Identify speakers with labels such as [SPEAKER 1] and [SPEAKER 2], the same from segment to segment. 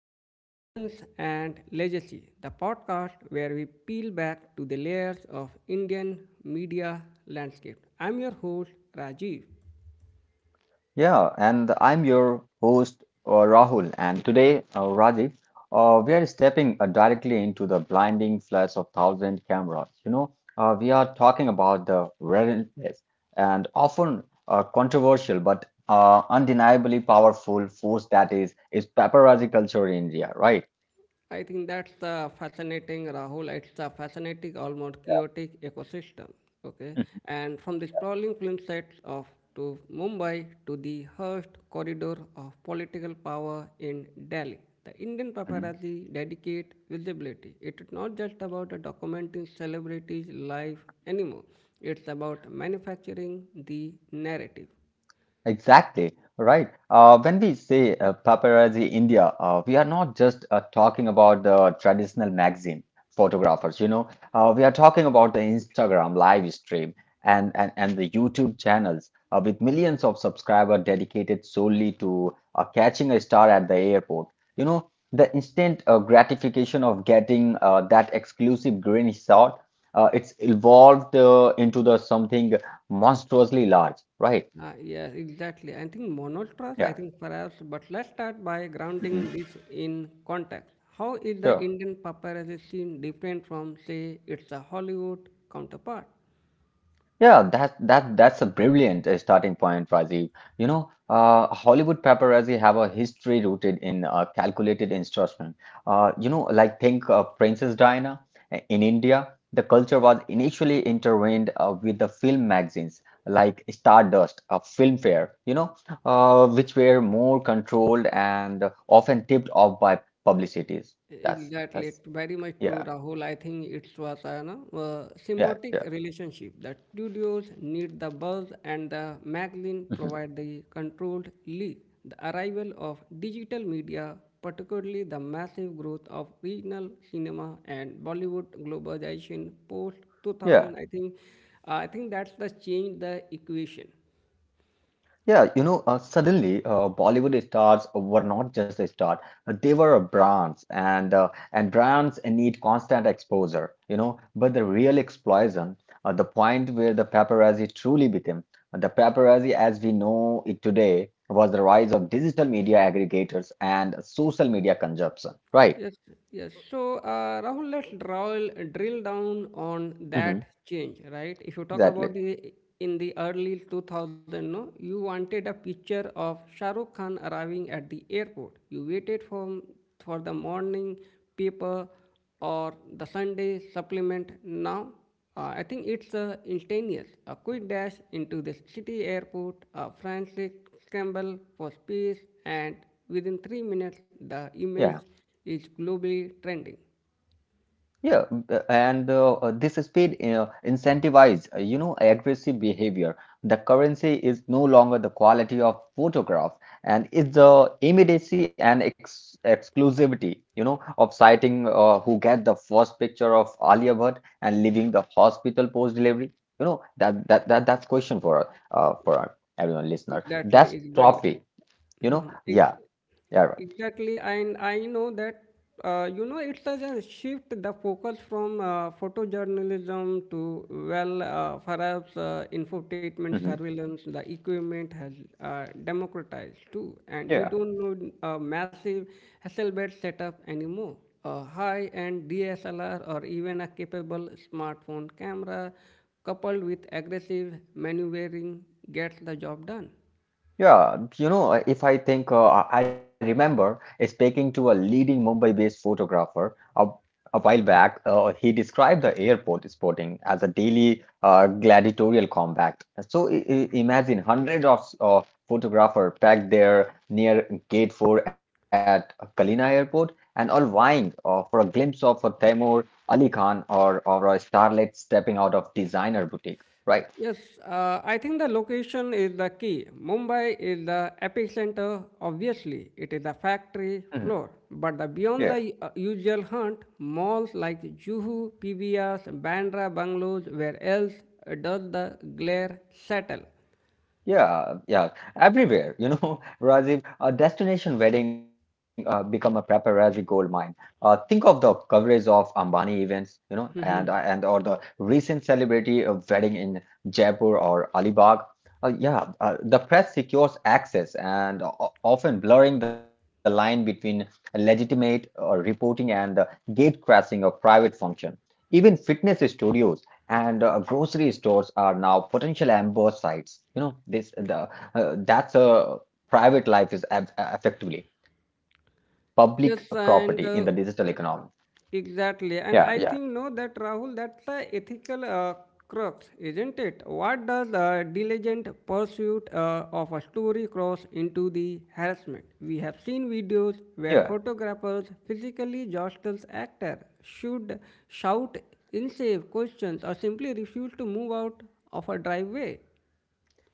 [SPEAKER 1] back to The Lens and Legacy, the podcast where we peel back to the layers of Indian media landscape. I'm your host, Rajiv.
[SPEAKER 2] Yeah, and I'm your host, Rahul. And today, Rajiv, we are stepping directly into the blinding flash of thousand cameras. You know, we are talking about the relentless and often controversial but undeniably powerful force that is paparazzi culture in India, right?
[SPEAKER 1] I think that's the fascinating, Rahul. It's a fascinating, almost chaotic ecosystem. Okay, and from the sprawling film sets of to Mumbai to the hushed corridor of political power in Delhi, the Indian paparazzi dedicate visibility. It is not just about documenting celebrities' life anymore. It's about manufacturing the narrative.
[SPEAKER 2] Exactly, right. When we say paparazzi India, we are not just talking about the traditional magazine photographers, you know, we are talking about the Instagram live stream and the YouTube channels with millions of subscribers dedicated solely to catching a star at the airport. You know, the instant gratification of getting that exclusive green shot, it's evolved into the something monstrously large, right?
[SPEAKER 1] Yes, exactly. I think monotrust,
[SPEAKER 2] Yeah.
[SPEAKER 1] I think perhaps, but let's start by
[SPEAKER 2] Mm-hmm.
[SPEAKER 1] grounding this in context. How is the
[SPEAKER 2] Sure.
[SPEAKER 1] Indian paparazzi scene different from, say, its a Hollywood counterpart?
[SPEAKER 2] Yeah, that's a brilliant starting point, Rajiv. You know, Hollywood paparazzi have a history rooted in calculated instruction. You know, like think Princess Diana in India. The culture was initially intertwined with the film magazines like Stardust, Filmfare, you know, which were more controlled and often tipped off by publicities. That's
[SPEAKER 1] Exactly,
[SPEAKER 2] that's
[SPEAKER 1] very much true,
[SPEAKER 2] yeah,
[SPEAKER 1] Rahul. I think it was a no,
[SPEAKER 2] yeah,
[SPEAKER 1] symbiotic
[SPEAKER 2] yeah,
[SPEAKER 1] relationship. The studios need the buzz, and the magazine
[SPEAKER 2] mhm.
[SPEAKER 1] provide the controlled lead. The arrival of digital media, particularly the massive growth of regional cinema and Bollywood globalization post
[SPEAKER 2] Yeah.
[SPEAKER 1] 2000, I think that's the change the equation.
[SPEAKER 2] Yeah, you know, suddenly Bollywood stars were not just a star; they were a brands, and brands need constant exposure, you know. But the real explosion, the point where the paparazzi truly became the paparazzi as we know it today, was the rise of digital media aggregators and social media consumption. Right?
[SPEAKER 1] Yes, yes. So, Rahul, let's drill down on
[SPEAKER 2] Hmm.
[SPEAKER 1] that change, right? If you talk about
[SPEAKER 2] Exactly.
[SPEAKER 1] the in the early 2000, no, you wanted a picture of Shah Rukh Khan arriving at the airport. You waited for the morning paper or the Sunday supplement now. I think it's instantaneous. A quick dash into the city airport, a frantic scramble for space, and within 3 minutes, the image
[SPEAKER 2] Yeah.
[SPEAKER 1] is globally trending.
[SPEAKER 2] Yeah, b- and this speed incentivize, you know, aggressive behavior. The currency is no longer the quality of photograph, and it's the immediacy and ex exclusivity, you know, of citing who get the first picture of Alia Bhatt and leaving the hospital post delivery. You know, that's question for everyone listener.
[SPEAKER 1] Exactly,
[SPEAKER 2] That's
[SPEAKER 1] Isabel.
[SPEAKER 2] trophy, you know.
[SPEAKER 1] Mhm.
[SPEAKER 2] Yeah, yeah, right.
[SPEAKER 1] Exactly, and I know that you know it does a shift the focus from photojournalism to well, perhaps infotainment
[SPEAKER 2] Hmm.
[SPEAKER 1] surveillance. The equipment has democratized too, and you don't need a massive Hasselblad setup anymore. A high-end DSLR or even a capable smartphone camera, coupled with aggressive maneuvering, gets the job done.
[SPEAKER 2] Yeah, you know, if I think, I remember speaking to a leading Mumbai-based photographer a while back. He described the airport sporting as a daily gladiatorial combat. So imagine hundreds of photographers packed there near Gate 4 at Kalina Airport and all vying for a glimpse of a Taimur Ali Khan or a starlet stepping out of designer boutique, right?
[SPEAKER 1] Yes, I think the location is the key. Mumbai is the epicenter, obviously. It is the
[SPEAKER 2] Mhm.
[SPEAKER 1] factory floor. But the
[SPEAKER 2] Yeah.
[SPEAKER 1] beyond the usual hunt, malls like Juhu, PVRs, Bandra, Bungalows, where else does the glare settle?
[SPEAKER 2] Yeah, yeah, everywhere, you know, Rajiv, a destination wedding become a paparazzi gold mine. Think of the coverage of Ambani events, you know, and or the recent celebrity wedding in Jaipur or Alibag. Yeah, the press secures access and often blurring the line between legitimate reporting and the gatecrashing of private function. Even fitness studios and grocery stores are now potential amber sites. You know, this the that's a private life is effectively public property in the
[SPEAKER 1] Yes,
[SPEAKER 2] digital
[SPEAKER 1] and
[SPEAKER 2] economy. Yeah,
[SPEAKER 1] exactly,
[SPEAKER 2] yeah.
[SPEAKER 1] and I think no that Rahul, that's the ethical crux, isn't it? What does the diligent pursuit of a story cross into the harassment? We have seen
[SPEAKER 2] Yeah.
[SPEAKER 1] videos where photographers physically jostles actor, should shout insane questions, or simply refuse to move out of a driveway.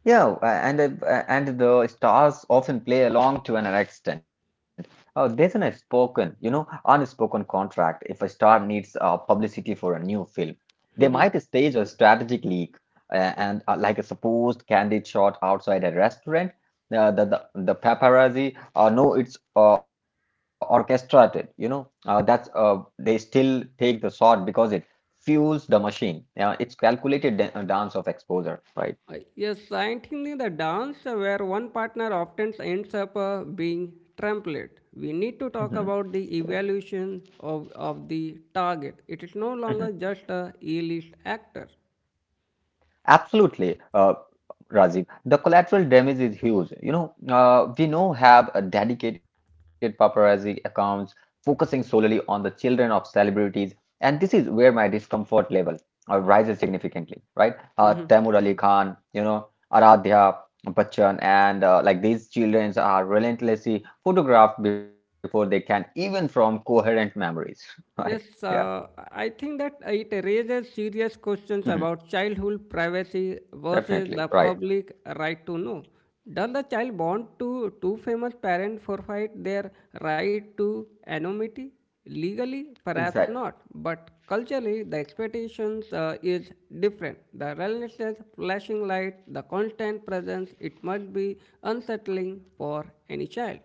[SPEAKER 2] Yeah, and the stars often play along to an extent. There's an spoken, you know, unspoken contract. If a star needs publicity for a new film, they might stage a strategic leak, uh, and like a supposed candid shot outside a restaurant. The paparazzi know it's orchestrated. You know, that's they still take the shot because it fuels the machine. It's calculated dance of exposure, right?
[SPEAKER 1] Yes, scientifically, the dance where one partner often ends up being trampled. We
[SPEAKER 2] Mhm.
[SPEAKER 1] need to talk about the evaluation of the target. It is
[SPEAKER 2] Mhm.
[SPEAKER 1] no longer just a A-list actor.
[SPEAKER 2] Absolutely, Rajiv. The collateral damage is huge. You know, we now have a dedicated paparazzi accounts focusing solely on the children of celebrities, and this is where my discomfort level rises significantly, right?
[SPEAKER 1] Mm-hmm.
[SPEAKER 2] Taimur Ali Khan, you know, Aradhya Bachchan, and like these children are relentlessly photographed before they can even form coherent memories, right? Yeah,
[SPEAKER 1] Yes, I think that it raises serious questions
[SPEAKER 2] mhm.
[SPEAKER 1] about childhood privacy versus the
[SPEAKER 2] Definitely, right.
[SPEAKER 1] public right to know. Does the child want to two famous parents forfeit their right to anonymity? Legally, perhaps
[SPEAKER 2] Exactly.
[SPEAKER 1] not, but culturally, the expectations is different. The relentless flashing light, the constant presence, it must be unsettling for any child.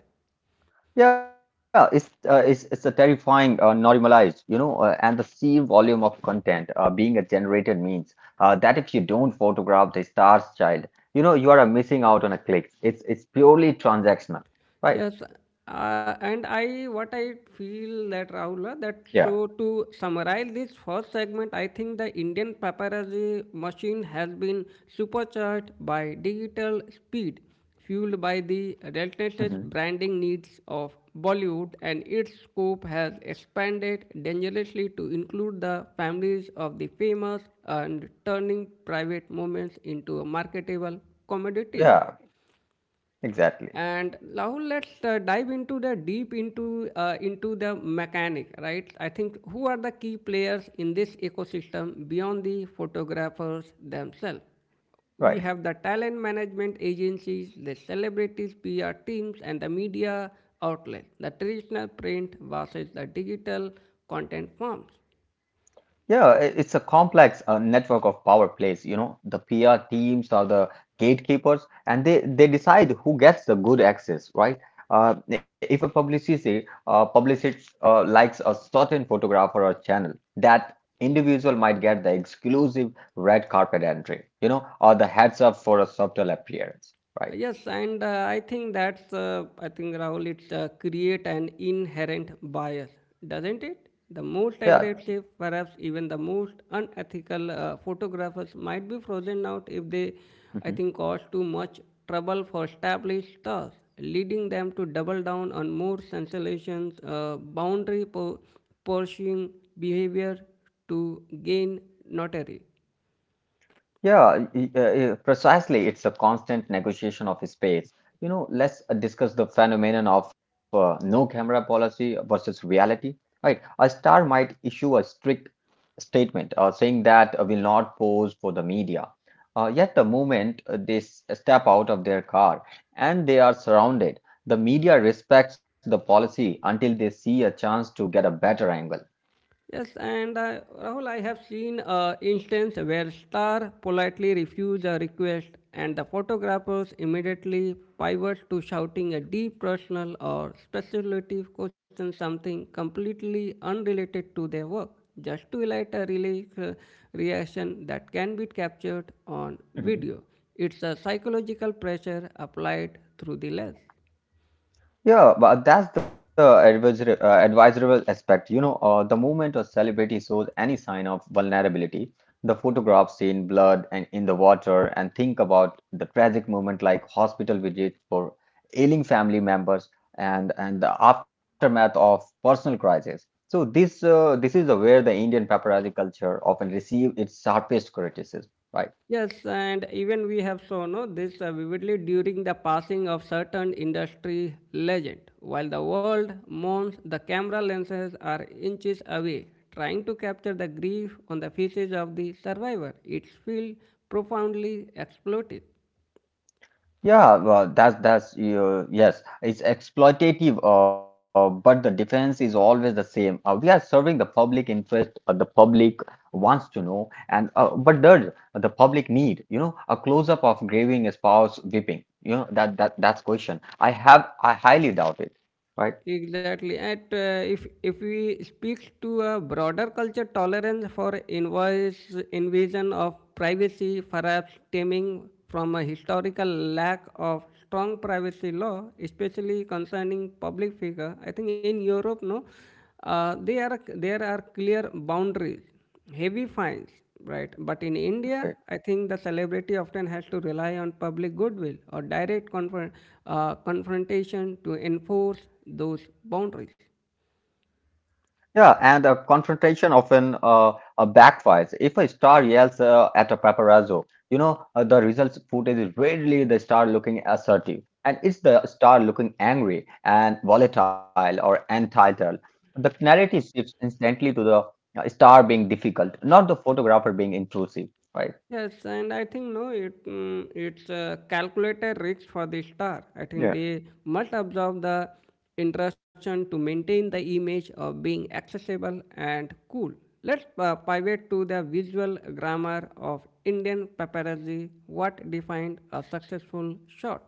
[SPEAKER 2] Yeah, it's a terrifying normalized, you know, and the sheer volume of content being a generated means that if you don't photograph the star's child, you know, you are missing out on a click. It's purely transactional, right?
[SPEAKER 1] Yes, and I what I feel that Rahul
[SPEAKER 2] Yeah.
[SPEAKER 1] that so to summarize this first segment, I think the Indian paparazzi machine has been supercharged by digital speed, fueled by the relentless
[SPEAKER 2] Hmm.
[SPEAKER 1] branding needs of Bollywood, and its scope has expanded dangerously to include the families of the famous and turning private moments into marketable commodities.
[SPEAKER 2] Yeah, exactly.
[SPEAKER 1] And now let's dive into the deep into the mechanic, right? I think who are the key players in this ecosystem beyond the photographers themselves? We
[SPEAKER 2] Right.
[SPEAKER 1] have the talent management agencies, the celebrities PR teams, and the media outlets, the traditional print versus the digital content forms.
[SPEAKER 2] Yeah, it's a complex network of power plays. You know, the PR teams are the gatekeepers, and they decide who gets the good access, right? If a publicity publicist likes a certain photograph or a channel, that individual might get the exclusive red carpet entry, you know, or the heads up for a subtle appearance, right?
[SPEAKER 1] Yes, and I think that's, I think Rahul, it create an inherent bias, doesn't it? The most
[SPEAKER 2] Yeah.
[SPEAKER 1] aggressive, perhaps even the most unethical photographers might be frozen out if they, I think, cause too much trouble for established stars, leading them to double down on more sensations, boundary pushing behavior to gain notoriety.
[SPEAKER 2] Precisely. It's a constant negotiation of space. You know, let's discuss the phenomenon of no camera policy versus reality. Right, a star might issue a strict statement saying that will not pose for the media. Yet the moment they step out of their car and they are surrounded, the media respects the policy until they see a chance to get a better angle.
[SPEAKER 1] Yes, and Rahul, I have seen instance where star politely refuse a request, and the photographers immediately pivot to shouting a deep personal or speculative question, something completely unrelated to their work, just to highlight a reaction that can be captured on video. It's a psychological pressure applied through the lens.
[SPEAKER 2] Yeah, but that's the advisable aspect. You know, the moment a celebrity shows any sign of vulnerability, the photographs seen blood and in the water, and think about the tragic moment like hospital visits for ailing family members and the aftermath of personal crisis. So this is where the Indian paparazzi culture often receive its sharpest criticism, right?
[SPEAKER 1] Yes, and even we have shown no, this vividly during the passing of certain industry legend. While the world mourns, the camera lenses are inches away, trying to capture the grief on the faces of the survivor. It's feel profoundly exploited.
[SPEAKER 2] Yeah, well, that's yes, it's exploitative, but the defense is always the same. We are serving the public interest, the public wants to know, and but the public need, you know, a close up of graving a spouse whipping, you know, that's question. I highly doubt it, right?
[SPEAKER 1] Exactly. At if we speak to a broader culture tolerance for invoice invasion of privacy, perhaps stemming from a historical lack of strong privacy law, especially concerning public figure. I think in Europe, no, they are there are clear boundaries heavy fines, right? But in India, I think the celebrity often has to rely on public goodwill or direct confrontation to enforce those boundaries.
[SPEAKER 2] Yeah, and confrontation often backfires. If a star yells at a paparazzo, you know, the results footage is rarely the star looking assertive, and it's the star looking angry and volatile or entitled. The narrative shifts instantly to the star being difficult, not the photographer being intrusive, right?
[SPEAKER 1] Yes, and I think no, it it's a calculated risk for the star. I think they must absorb the intrusion to maintain the image of being accessible and cool. Let's pivot to the visual grammar of Indian paparazzi. What defined a successful shot?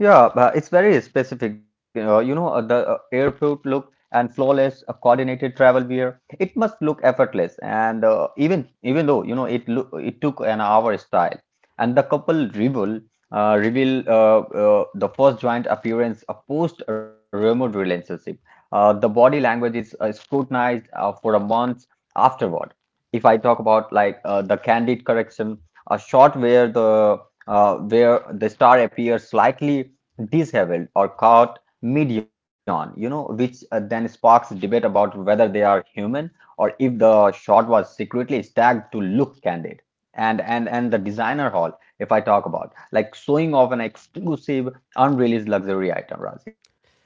[SPEAKER 2] Yeah, it's very specific. You know, the airport look and flawless, coordinated travel wear. It must look effortless, and even though you know it look it took an hour style, and the couple reveal reveal the first joint appearance of post remote relationship. The body language is scrutinized for a month afterward. If I talk about like the candid correction, a shot where the star appears slightly disheveled or caught mid-yawn, you know, which then sparks debate about whether they are human or if the shot was secretly staged to look candid. And the designer haul, if I talk about like showing off an exclusive unreleased luxury item, Razi, right?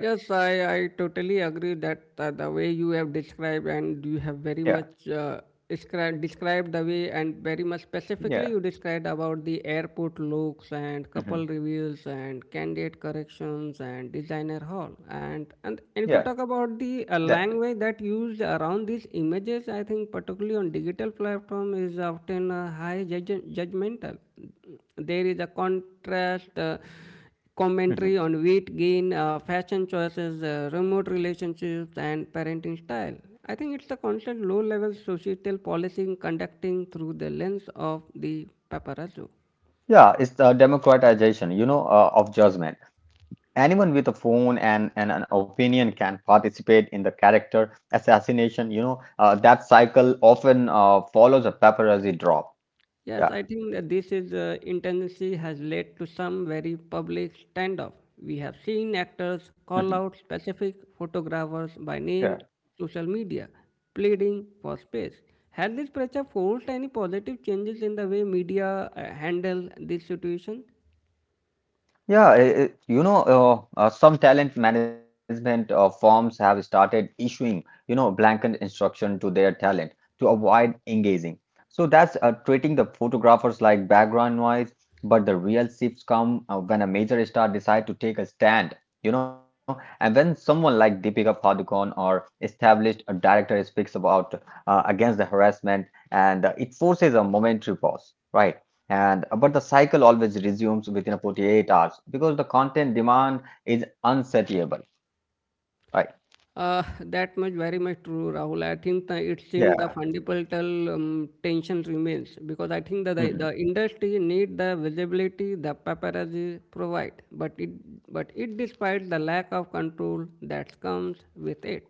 [SPEAKER 1] Yes, I totally agree that the way you have described and you have very
[SPEAKER 2] Yeah,
[SPEAKER 1] much described the way and very much specifically
[SPEAKER 2] yeah,
[SPEAKER 1] you described about the airport looks and couple
[SPEAKER 2] hmm,
[SPEAKER 1] reveals and candidate corrections and designer hall. And
[SPEAKER 2] yeah,
[SPEAKER 1] if you talk about the
[SPEAKER 2] exactly.
[SPEAKER 1] language that used around these images, I think particularly on digital platform is often judgmental. There is a contrast
[SPEAKER 2] Hmm.
[SPEAKER 1] commentary on weight gain, fashion choices, remote relationships, and parenting style. I think it's a constant low level societal policing conducting through the lens of the paparazzo.
[SPEAKER 2] Yeah, it's the democratization, you know, of judgment. Anyone with a phone and an opinion can participate in the character assassination. You know, that cycle often follows a paparazzi drop. Yeah.
[SPEAKER 1] Yes, I think that this is intendency has led to some very public standoff. We have seen actors
[SPEAKER 2] Mhm.
[SPEAKER 1] call out specific photographers by name, social media, pleading for space. Has this pressure forced any positive changes in the way media handle this situation?
[SPEAKER 2] Yeah, you know, some talent management firms have started issuing, you know, blanket instruction to their talent to avoid engaging. So that's treating the photographers like background noise, but the real shifts come when a major star decide to take a stand, you know, and when someone like Deepika Padukone or established a director speaks about against the harassment, and it forces a momentary pause, right? And but the cycle always resumes within 48 hours because the content demand is unsatiable, right?
[SPEAKER 1] That much very much true, Rahul. I think the, it
[SPEAKER 2] Yeah.
[SPEAKER 1] seems the fundamental tension remains because I think that the industry need the visibility the paparazzi provide, but it despite the lack of control that comes with it.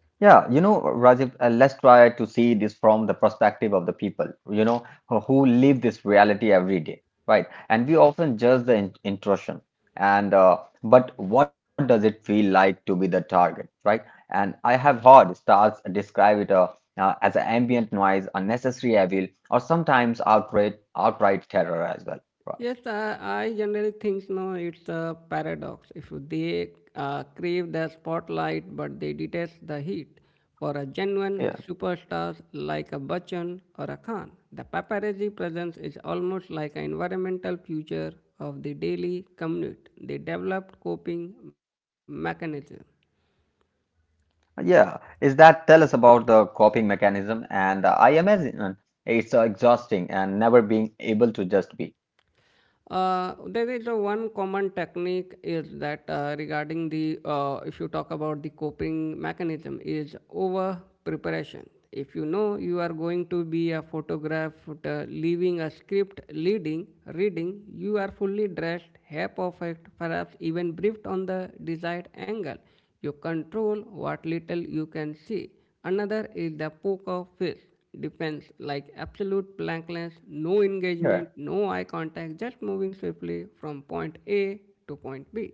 [SPEAKER 2] Yeah, you know, Rajiv, let's try to see this from the perspective of the people, you know, who live this reality every day, right? And we often judge the in intrusion and but what does it feel like to be the target, right? And I have heard stars describe it as an ambient noise, unnecessary evil, or sometimes outright terror as well, right?
[SPEAKER 1] Yes, I generally think no, it's a paradox. If they crave the spotlight but they detest the heat, for a genuine superstar like a Bachchan or a Khan, the paparazzi presence is almost like an environmental future of the daily commute. They developed coping mechanism.
[SPEAKER 2] Yeah, is that tell us about the coping mechanism? And I imagine it's exhausting and never being able to just be.
[SPEAKER 1] There is a one common technique is that regarding the if you talk about the coping mechanism is over preparation. If you know you are going to be a photograph, leaving a script, leading, reading, you are fully dressed, hair perfect, perhaps even briefed on the desired angle. You control what little you can see. Another is the poker face defense, like absolute blankness, no engagement, no
[SPEAKER 2] Yeah,
[SPEAKER 1] eye contact, just moving swiftly from point A to point B.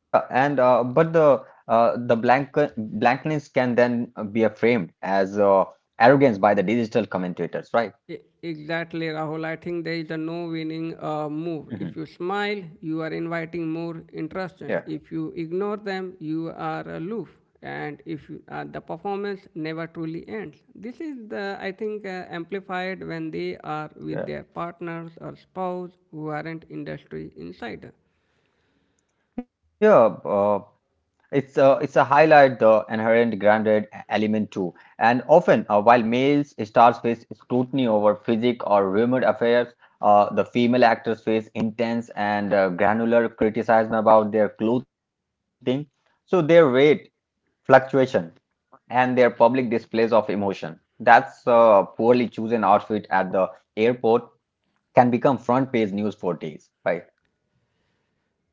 [SPEAKER 2] yeah, and but the blankness can then be framed as arrogance by the digital commentators,
[SPEAKER 1] E-
[SPEAKER 2] right?
[SPEAKER 1] Exactly, Rahul. I think there is a no winning move. If you
[SPEAKER 2] Mhm.
[SPEAKER 1] smile, you are inviting more interest. If
[SPEAKER 2] Yeah,
[SPEAKER 1] you ignore them, you are aloof. And if you- The performance never truly ends. This is the I think amplified when they are with their
[SPEAKER 2] yeah,
[SPEAKER 1] partners or spouse who aren't industry insider.
[SPEAKER 2] yeah. Uh, It's a, it's a highlight the inherent grounded element too, and often while males stars face scrutiny over physique or rumored affairs, the female actors face intense and granular criticism about their clothing, so their weight fluctuation and their public displays of emotion. That's poorly chosen outfit at the airport can become front page news for days, right?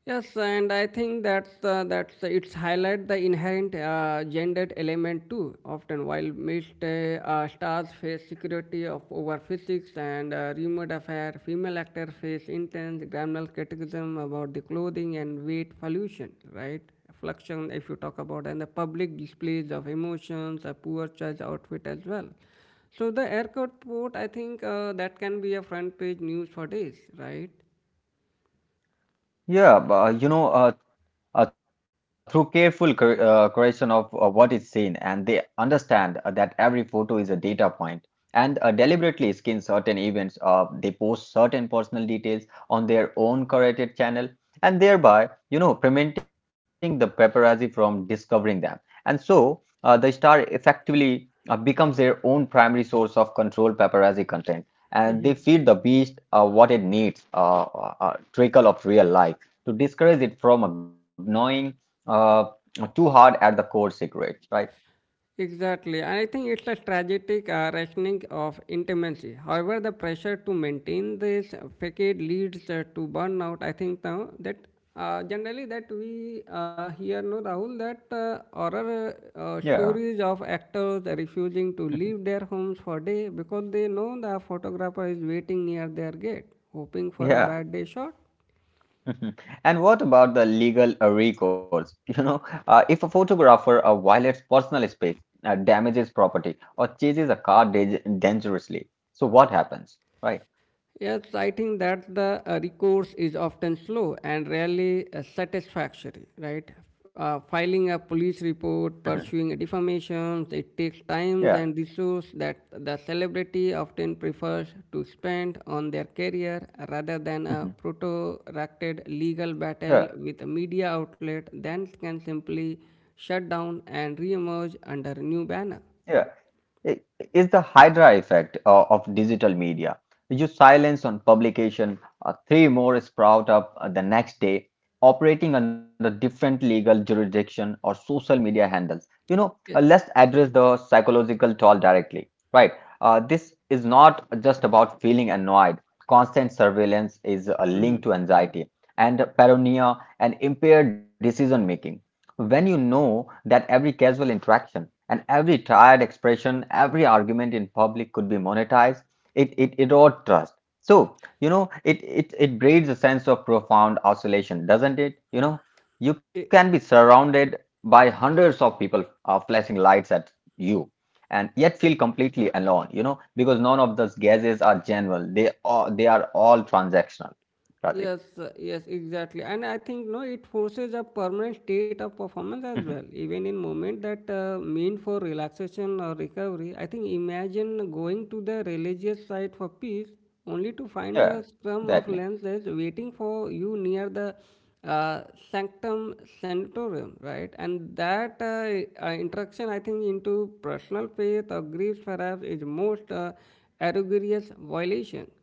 [SPEAKER 1] Yes, and I think that's it's highlight the inherent gendered element too. Often, while missed stars face security of over physics and remote affair, female actors face intense grammatical criticism about the clothing and weight pollution, right? Fluxion, if you talk about, and the public displays of emotions, a poor choice outfit as well. So the airport port, I think that can be a front page news for days, right?
[SPEAKER 2] Yeah, but, you know, through careful curation of what is seen, and they understand that every photo is a data point and deliberately skin certain events. They post certain personal details on their own curated channel and thereby, you know, preventing the paparazzi from discovering them. And so the star effectively becomes their own primary source of controlled paparazzi content. And they feed the beast what it needs, trickle of real life to discourage it from gnawing uh, too hard at the core secret, right?
[SPEAKER 1] Exactly, and I think it's a strategic rationing of intimacy. However, the pressure to maintain this facade leads to burnout. I think now that generally that we hear no Rahul that horror
[SPEAKER 2] Yeah.
[SPEAKER 1] stories of actors refusing to leave their homes for day because they know the photographer is waiting near their gate, hoping for a
[SPEAKER 2] Yeah.
[SPEAKER 1] bad day shot.
[SPEAKER 2] And what about the legal recourse? You know, if a photographer violates personal space, damages property, or chases a car dangerously, so what happens? Right?
[SPEAKER 1] Yes, I think that the recourse is often slow and rarely satisfactory, right? Filing a police
[SPEAKER 2] Mhm.
[SPEAKER 1] report, pursuing a defamation, it takes
[SPEAKER 2] Yeah.
[SPEAKER 1] time and resources that the celebrity often prefers to spend on their career rather than
[SPEAKER 2] Mhm.
[SPEAKER 1] a protracted legal
[SPEAKER 2] Yeah.
[SPEAKER 1] battle with a media outlet that can simply shut down and reemerge under a new banner.
[SPEAKER 2] Yeah. i- is the Hydra effect of digital media. You silence on publication, three more sprout up the next day, operating under different legal jurisdiction or social media handles. You know,
[SPEAKER 1] Yeah.
[SPEAKER 2] let's address the psychological toll directly, right? This is not just about feeling annoyed. Constant surveillance is linked
[SPEAKER 1] Mhm.
[SPEAKER 2] to anxiety and paranoia and impaired decision making. When you know that every casual interaction and every tired expression, every argument in public could be monetized, it erodes trust. So, you know, it breeds a sense of profound isolation, doesn't it? You know, you can be surrounded by hundreds of people flashing lights at you and yet feel completely alone, you know, because none of those gazes are general. They are all transactional. Razi.
[SPEAKER 1] Yes, yes, exactly. And I think no, it forces a permanent state of
[SPEAKER 2] Mhm.
[SPEAKER 1] performance as well. Even in moment that mean for relaxation or recovery, I think imagine going to the religious site for peace only to find
[SPEAKER 2] Yeah,
[SPEAKER 1] a scrum of
[SPEAKER 2] exactly.
[SPEAKER 1] lenses waiting for you near the uh, sanctum sanatorium, right? And that interaction, I think, into personal faith or griefs perhaps is most egregious violation.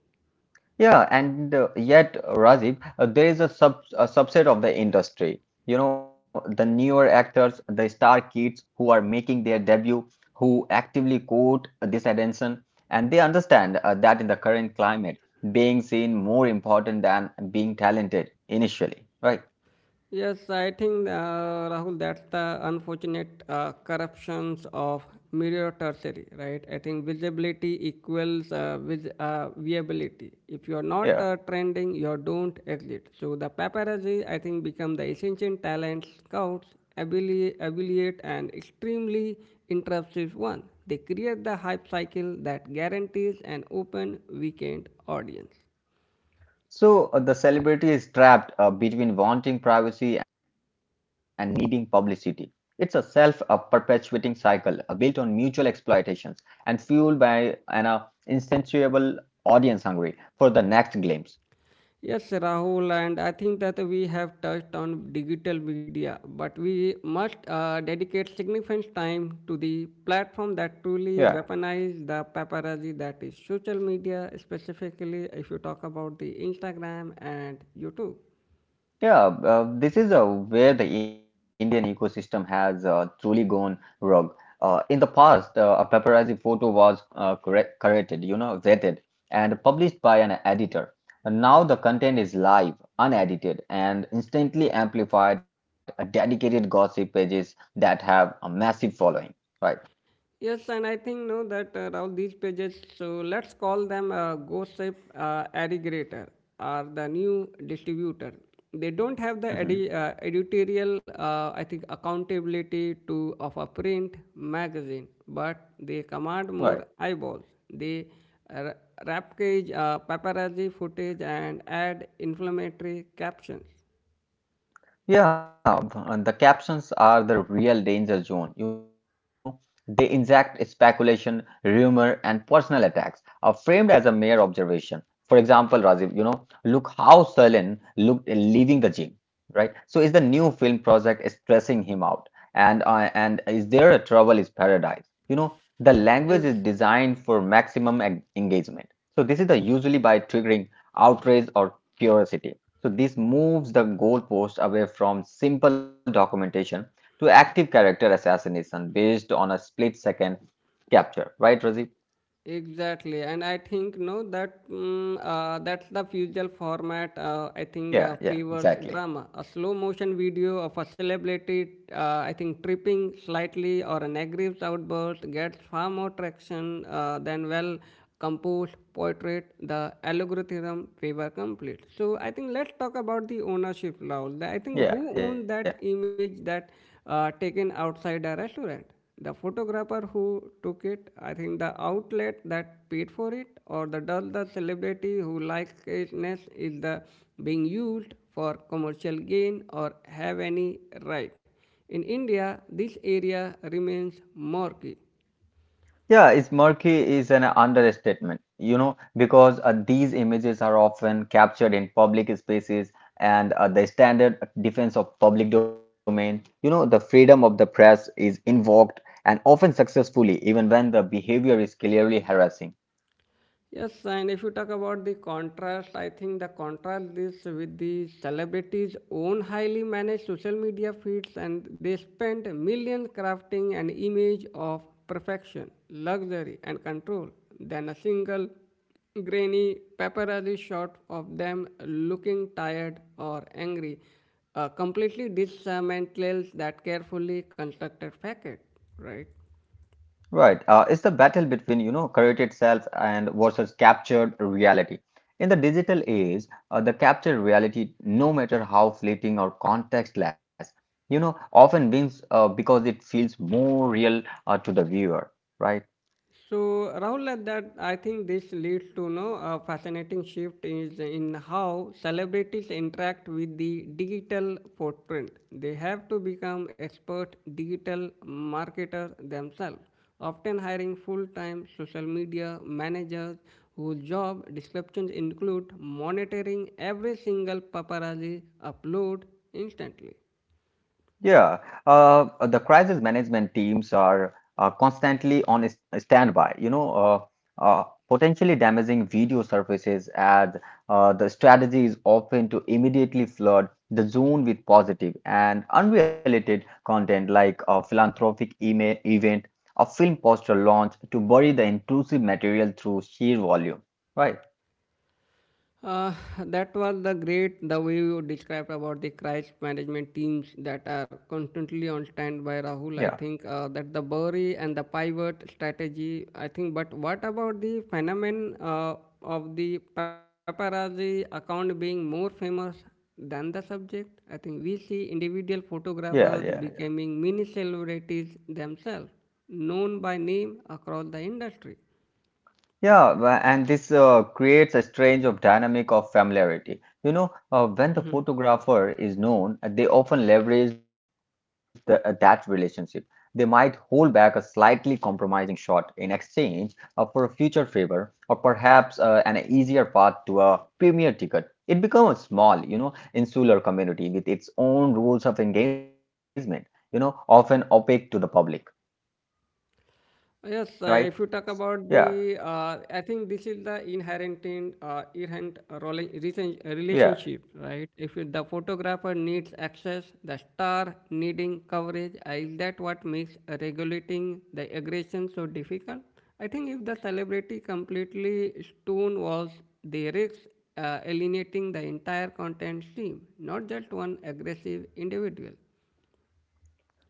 [SPEAKER 2] Yeah, and yet, Rajiv, there is a subset of the industry. You know, the newer actors, the star kids who are making their debut, who actively court this attention, and they understand that in the current climate, being seen more important than being talented initially, right?
[SPEAKER 1] Yes, I think, Rahul, that's the unfortunate corruptions of mirror tertiary, right? I think visibility equals viability. If you're not
[SPEAKER 2] Yeah.
[SPEAKER 1] trending, you don't exist. So the paparazzi, I think, become the essential talent scouts, affiliate, and extremely intrusive one. They create the hype cycle that guarantees an open weekend audience.
[SPEAKER 2] So the celebrity is trapped between wanting privacy and needing publicity. It's a self perpetuating cycle built on mutual exploitations and fueled by an insatiable audience hungry for the next glimpse.
[SPEAKER 1] Yes, Rahul, and I think that we have touched on digital media, but we must dedicate significant time to the platform that
[SPEAKER 2] Yeah.
[SPEAKER 1] truly weaponize the paparazzi that is social media, specifically if you talk about the Instagram and YouTube.
[SPEAKER 2] Yeah, this is where the Indian ecosystem has truly gone rogue. In the past, a paparazzi photo was corrected, you know, vetted, and published by an editor. And now the content is live, unedited, and instantly amplified. Dedicated gossip pages that have a massive following. Right.
[SPEAKER 1] Yes, and I think no that Rahul these pages. So let's call them gossip aggregator or the new distributor. They don't have the
[SPEAKER 2] Hmm.
[SPEAKER 1] editorial, I think, accountability to of a print magazine, but they command
[SPEAKER 2] Right.
[SPEAKER 1] more eyeballs. They uh, wrap cage paparazzi footage and add inflammatory captions.
[SPEAKER 2] Yeah, and the captions are the real danger zone. You know, they inject speculation, rumor, and personal attacks are framed as a mere observation. For example, Rajiv, you know, look how Salin looked leaving the gym, right? So is the new film project stressing him out? And is there a trouble is paradise? You know, the language is designed for maximum engagement. So this is the usually by triggering outrage or curiosity. So this moves the goalpost away from simple documentation to active character assassination based on a split second capture. Right, Razib?
[SPEAKER 1] Exactly, and I think no that that's the usual format. I think
[SPEAKER 2] Yeah, yeah,
[SPEAKER 1] favors
[SPEAKER 2] exactly.
[SPEAKER 1] drama, a slow motion video of a celebrity. I think tripping slightly or an aggressive outburst gets far more traction than well composed portrait. The algorithm favor complete. So I think let's talk about the ownership law. I think who
[SPEAKER 2] Yeah,
[SPEAKER 1] owned
[SPEAKER 2] yeah.
[SPEAKER 1] that image that taken outside the restaurant, the photographer who took it, I think the outlet that paid for it, or the does the celebrity who likes greatness is the being used for commercial gain or have any right. In India, this area remains murky.
[SPEAKER 2] Yeah, it's murky is an understatement, you know, because these images are often captured in public spaces and the standard defense of public domain, you know, the freedom of the press is invoked and often successfully, even when the behavior is clearly harassing.
[SPEAKER 1] Yes, and if you talk about the contrast, I think the contrast is with the celebrities' own highly managed social media feeds, and they spend millions crafting an image of perfection, luxury, and control than a single grainy paparazzi shot of them looking tired or angry, completely dismantles that carefully constructed facade, right?
[SPEAKER 2] Right. It's the battle between, you know, created self and versus captured reality. In the digital age, the captured reality, no matter how fleeting or contextless, you know, often wins because it feels more real to the viewer, right?
[SPEAKER 1] So, Rahul, at that I think this leads to no a fascinating shift is in how celebrities interact with the digital footprint. They have to become expert digital marketers themselves, often hiring full-time social media managers whose job descriptions include monitoring every single paparazzi upload instantly.
[SPEAKER 2] Yeah, the crisis management teams are constantly on standby, you know, uh, potentially damaging video surfaces as the strategy is often to immediately flood the zone with positive and unrelated content like a philanthropic email event, a film poster launch to bury the intrusive material through sheer volume. Right?
[SPEAKER 1] Uh, that was the great the way you described about the crisis management teams that are constantly on stand by
[SPEAKER 2] Yeah,
[SPEAKER 1] Rahul. I think that the bury and the pivot strategy. I think, but what about the phenomenon of the paparazzi account being more famous than the subject? I think we see individual
[SPEAKER 2] yeah, yeah,
[SPEAKER 1] photographers
[SPEAKER 2] yeah.
[SPEAKER 1] becoming mini celebrities themselves, known by name across the industry.
[SPEAKER 2] Yeah, and this creates a strange of dynamic of familiarity. You know, when the photographer is known, they often leverage that relationship. They might hold back a slightly compromising shot in exchange for a future favor or perhaps an easier path to a premier ticket. It becomes a small, you know, insular community with its own rules of engagement, you know, often opaque to the public,
[SPEAKER 1] Yes, if you talk
[SPEAKER 2] right?
[SPEAKER 1] about the,
[SPEAKER 2] Yeah,
[SPEAKER 1] I think this is the inherent in
[SPEAKER 2] yeah.
[SPEAKER 1] relationship, right? If it- The photographer needs access, the star needing coverage, is that what makes regulating the aggression so difficult? I think if the celebrity completely stonewalls the risks, alienating the entire content stream, not just one aggressive individual.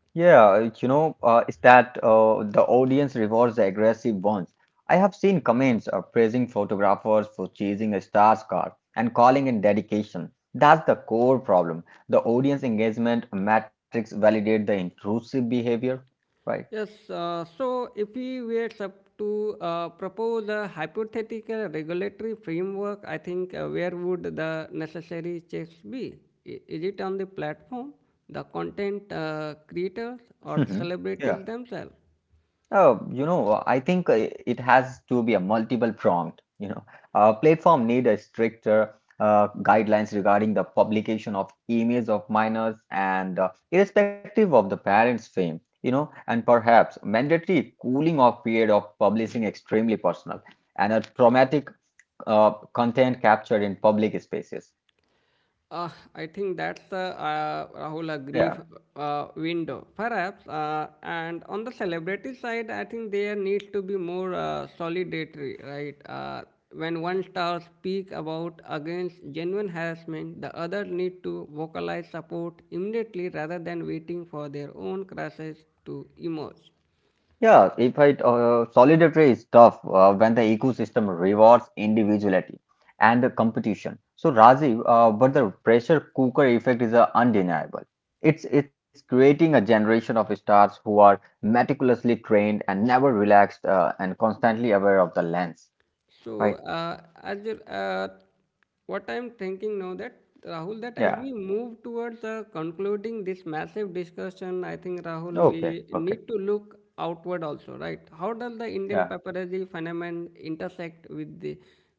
[SPEAKER 2] Yeah, you know, is that the audience rewards the aggressive ones. I have seen comments praising photographers for chasing a star's car and calling it dedication. That's the core problem. The audience engagement metrics validate the intrusive behavior, right?
[SPEAKER 1] Yes, so if we were sup- to propose a hypothetical regulatory framework, I think where would the necessary checks be? Is it on the platform, the content creators, or the
[SPEAKER 2] Yeah.
[SPEAKER 1] celebrities themselves?
[SPEAKER 2] Oh, you know, I think it has to be a multiple prompt. You know, a platform need a stricter guidelines regarding the publication of emails of minors and irrespective of the parents' fame. You know, and perhaps mandatory cooling off period of publishing extremely personal and a traumatic content captured in public spaces.
[SPEAKER 1] I think that's the Rahul agree
[SPEAKER 2] Yeah.
[SPEAKER 1] window, perhaps. And on the celebrity side, I think there needs to be more solidarity, right? When one star speak about against genuine harassment, the other need to vocalize support immediately rather than waiting for their own crashes to emerge.
[SPEAKER 2] Yeah, if I solidarity is tough when the ecosystem rewards individuality and the competition. So Rajiv, but the pressure cooker effect is undeniable. It's creating a generation of stars who are meticulously trained and never relaxed and constantly aware of the lens.
[SPEAKER 1] So,
[SPEAKER 2] Right?
[SPEAKER 1] uh, as you- uh, what I'm thinking now that Rahul, that as
[SPEAKER 2] Yeah.
[SPEAKER 1] we move towards concluding this massive discussion, I think Rahul,
[SPEAKER 2] Okay.
[SPEAKER 1] we
[SPEAKER 2] Okay.
[SPEAKER 1] need to look outward also, right? How does the Indian
[SPEAKER 2] Yeah.
[SPEAKER 1] paparazzi phenomenon intersect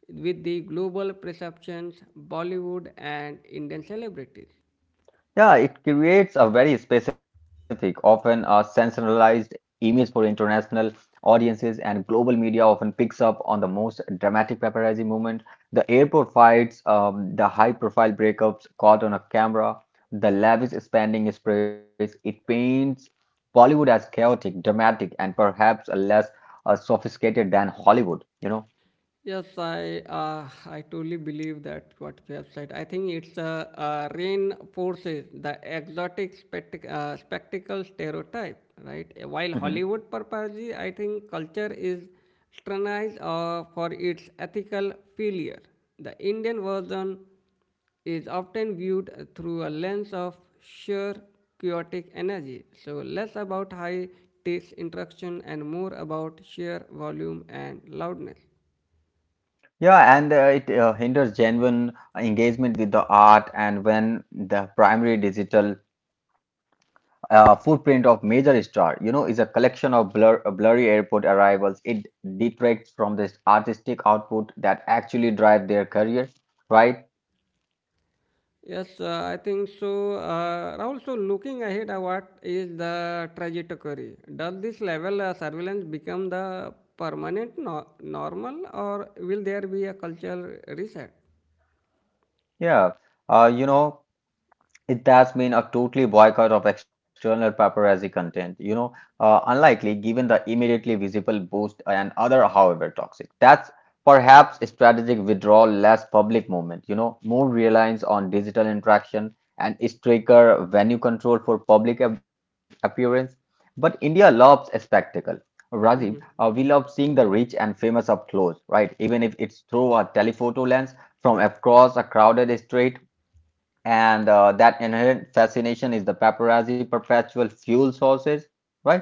[SPEAKER 1] with the global perceptions, Bollywood, and Indian celebrities?
[SPEAKER 2] Yeah, it creates a very specific, often a sensationalized image for international audiences, and global media often picks up on the most dramatic paparazzi moment, the airport fights, the high-profile breakups caught on a camera, the lavish standing sprays. It paints Bollywood as chaotic, dramatic, and perhaps less sophisticated than Hollywood, you
[SPEAKER 1] Yes, I totally believe that what you have said. I think it's reinforces the exotic spectacle stereotype, right? While
[SPEAKER 2] know?
[SPEAKER 1] Hollywood purposely, I think culture is scrutinized for its ethical failure. The Indian version is often viewed through a lens of sheer chaotic energy, so less about high takes interaction and more about sheer volume and loudness.
[SPEAKER 2] Yeah, and it hinders genuine engagement with the art. And when the primary digital footprint of major star, you know, is a collection of blurry airport arrivals, it detracts from this artistic output that actually drive their career, right?
[SPEAKER 1] Yes, I think so. Rahul, so looking ahead, what is the trajectory? Does this level surveillance become the permanent normal, or will there be a cultural reset?
[SPEAKER 2] Yeah, you know. It has been a totally boycott of external paparazzi content, you know, unlikely given the immediately visible boost and other, however toxic. That's perhaps a strategic withdrawal, less public movement, you know, more reliance on digital interaction and stricter venue control for public appearance. But India loves a spectacle. Rajiv, we love seeing the rich and famous up close, right? Even if it's through a telephoto lens from across a crowded street and that inherent fascination is the paparazzi perpetual fuel sources, right?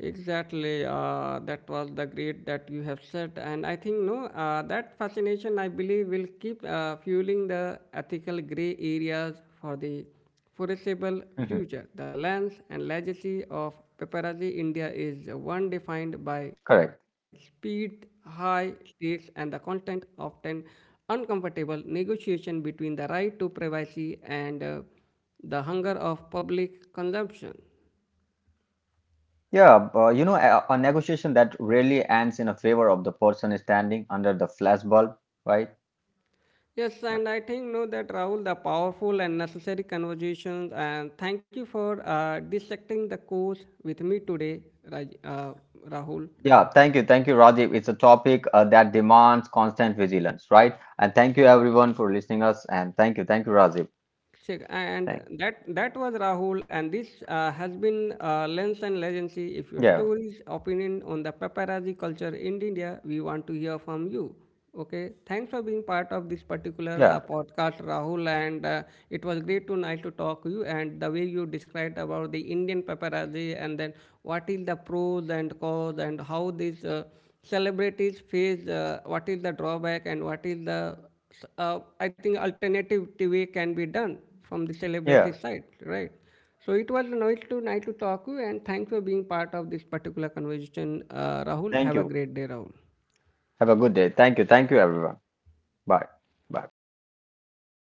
[SPEAKER 1] Exactly, that was the great that you have said, and I think no, that fascination I believe will keep fueling the ethical gray areas for the foreseeable
[SPEAKER 2] Mhm.
[SPEAKER 1] future. The lens and legacy of paparazzi India is one defined by
[SPEAKER 2] Correct.
[SPEAKER 1] speed, high stakes, and the constant, often uncomfortable negotiation between the right to privacy and the hunger of public consumption.
[SPEAKER 2] Yeah, you know, a negotiation that rarely ends in a favor of the person standing under the flashbulb, right?
[SPEAKER 1] Yes, and I think no that Rahul, the powerful and necessary conversations, and thank you for dissecting the course with me today, Raj, uh, Rahul.
[SPEAKER 2] Yeah, thank you, Rajiv. It's a topic that demands constant vigilance, right? And thank you everyone for listening us, and thank you, Rajiv.
[SPEAKER 1] Sick. And
[SPEAKER 2] Thank.
[SPEAKER 1] that was Rahul, and this has been Lens and Legacy. If your
[SPEAKER 2] Yeah,
[SPEAKER 1] stories, opinion on the paparazzi culture in India, we want to hear from you. Okay, thanks for being part of this particular
[SPEAKER 2] yeah,
[SPEAKER 1] podcast, Rahul. And it was great to nice to talk to you. And the way you described about the Indian paparazzi, and then what is the pros and cons, and how these celebrities face, what is the drawback, and what is the I think alternative TV can be done from the celebrity
[SPEAKER 2] yeah.
[SPEAKER 1] side, right? So it was nice to nice to talk to you, and thanks for being part of this particular conversation, Rahul.
[SPEAKER 2] Thank
[SPEAKER 1] Have a
[SPEAKER 2] you.
[SPEAKER 1] great day, Rahul.
[SPEAKER 2] Have a good day. Thank you, everyone. Bye, bye.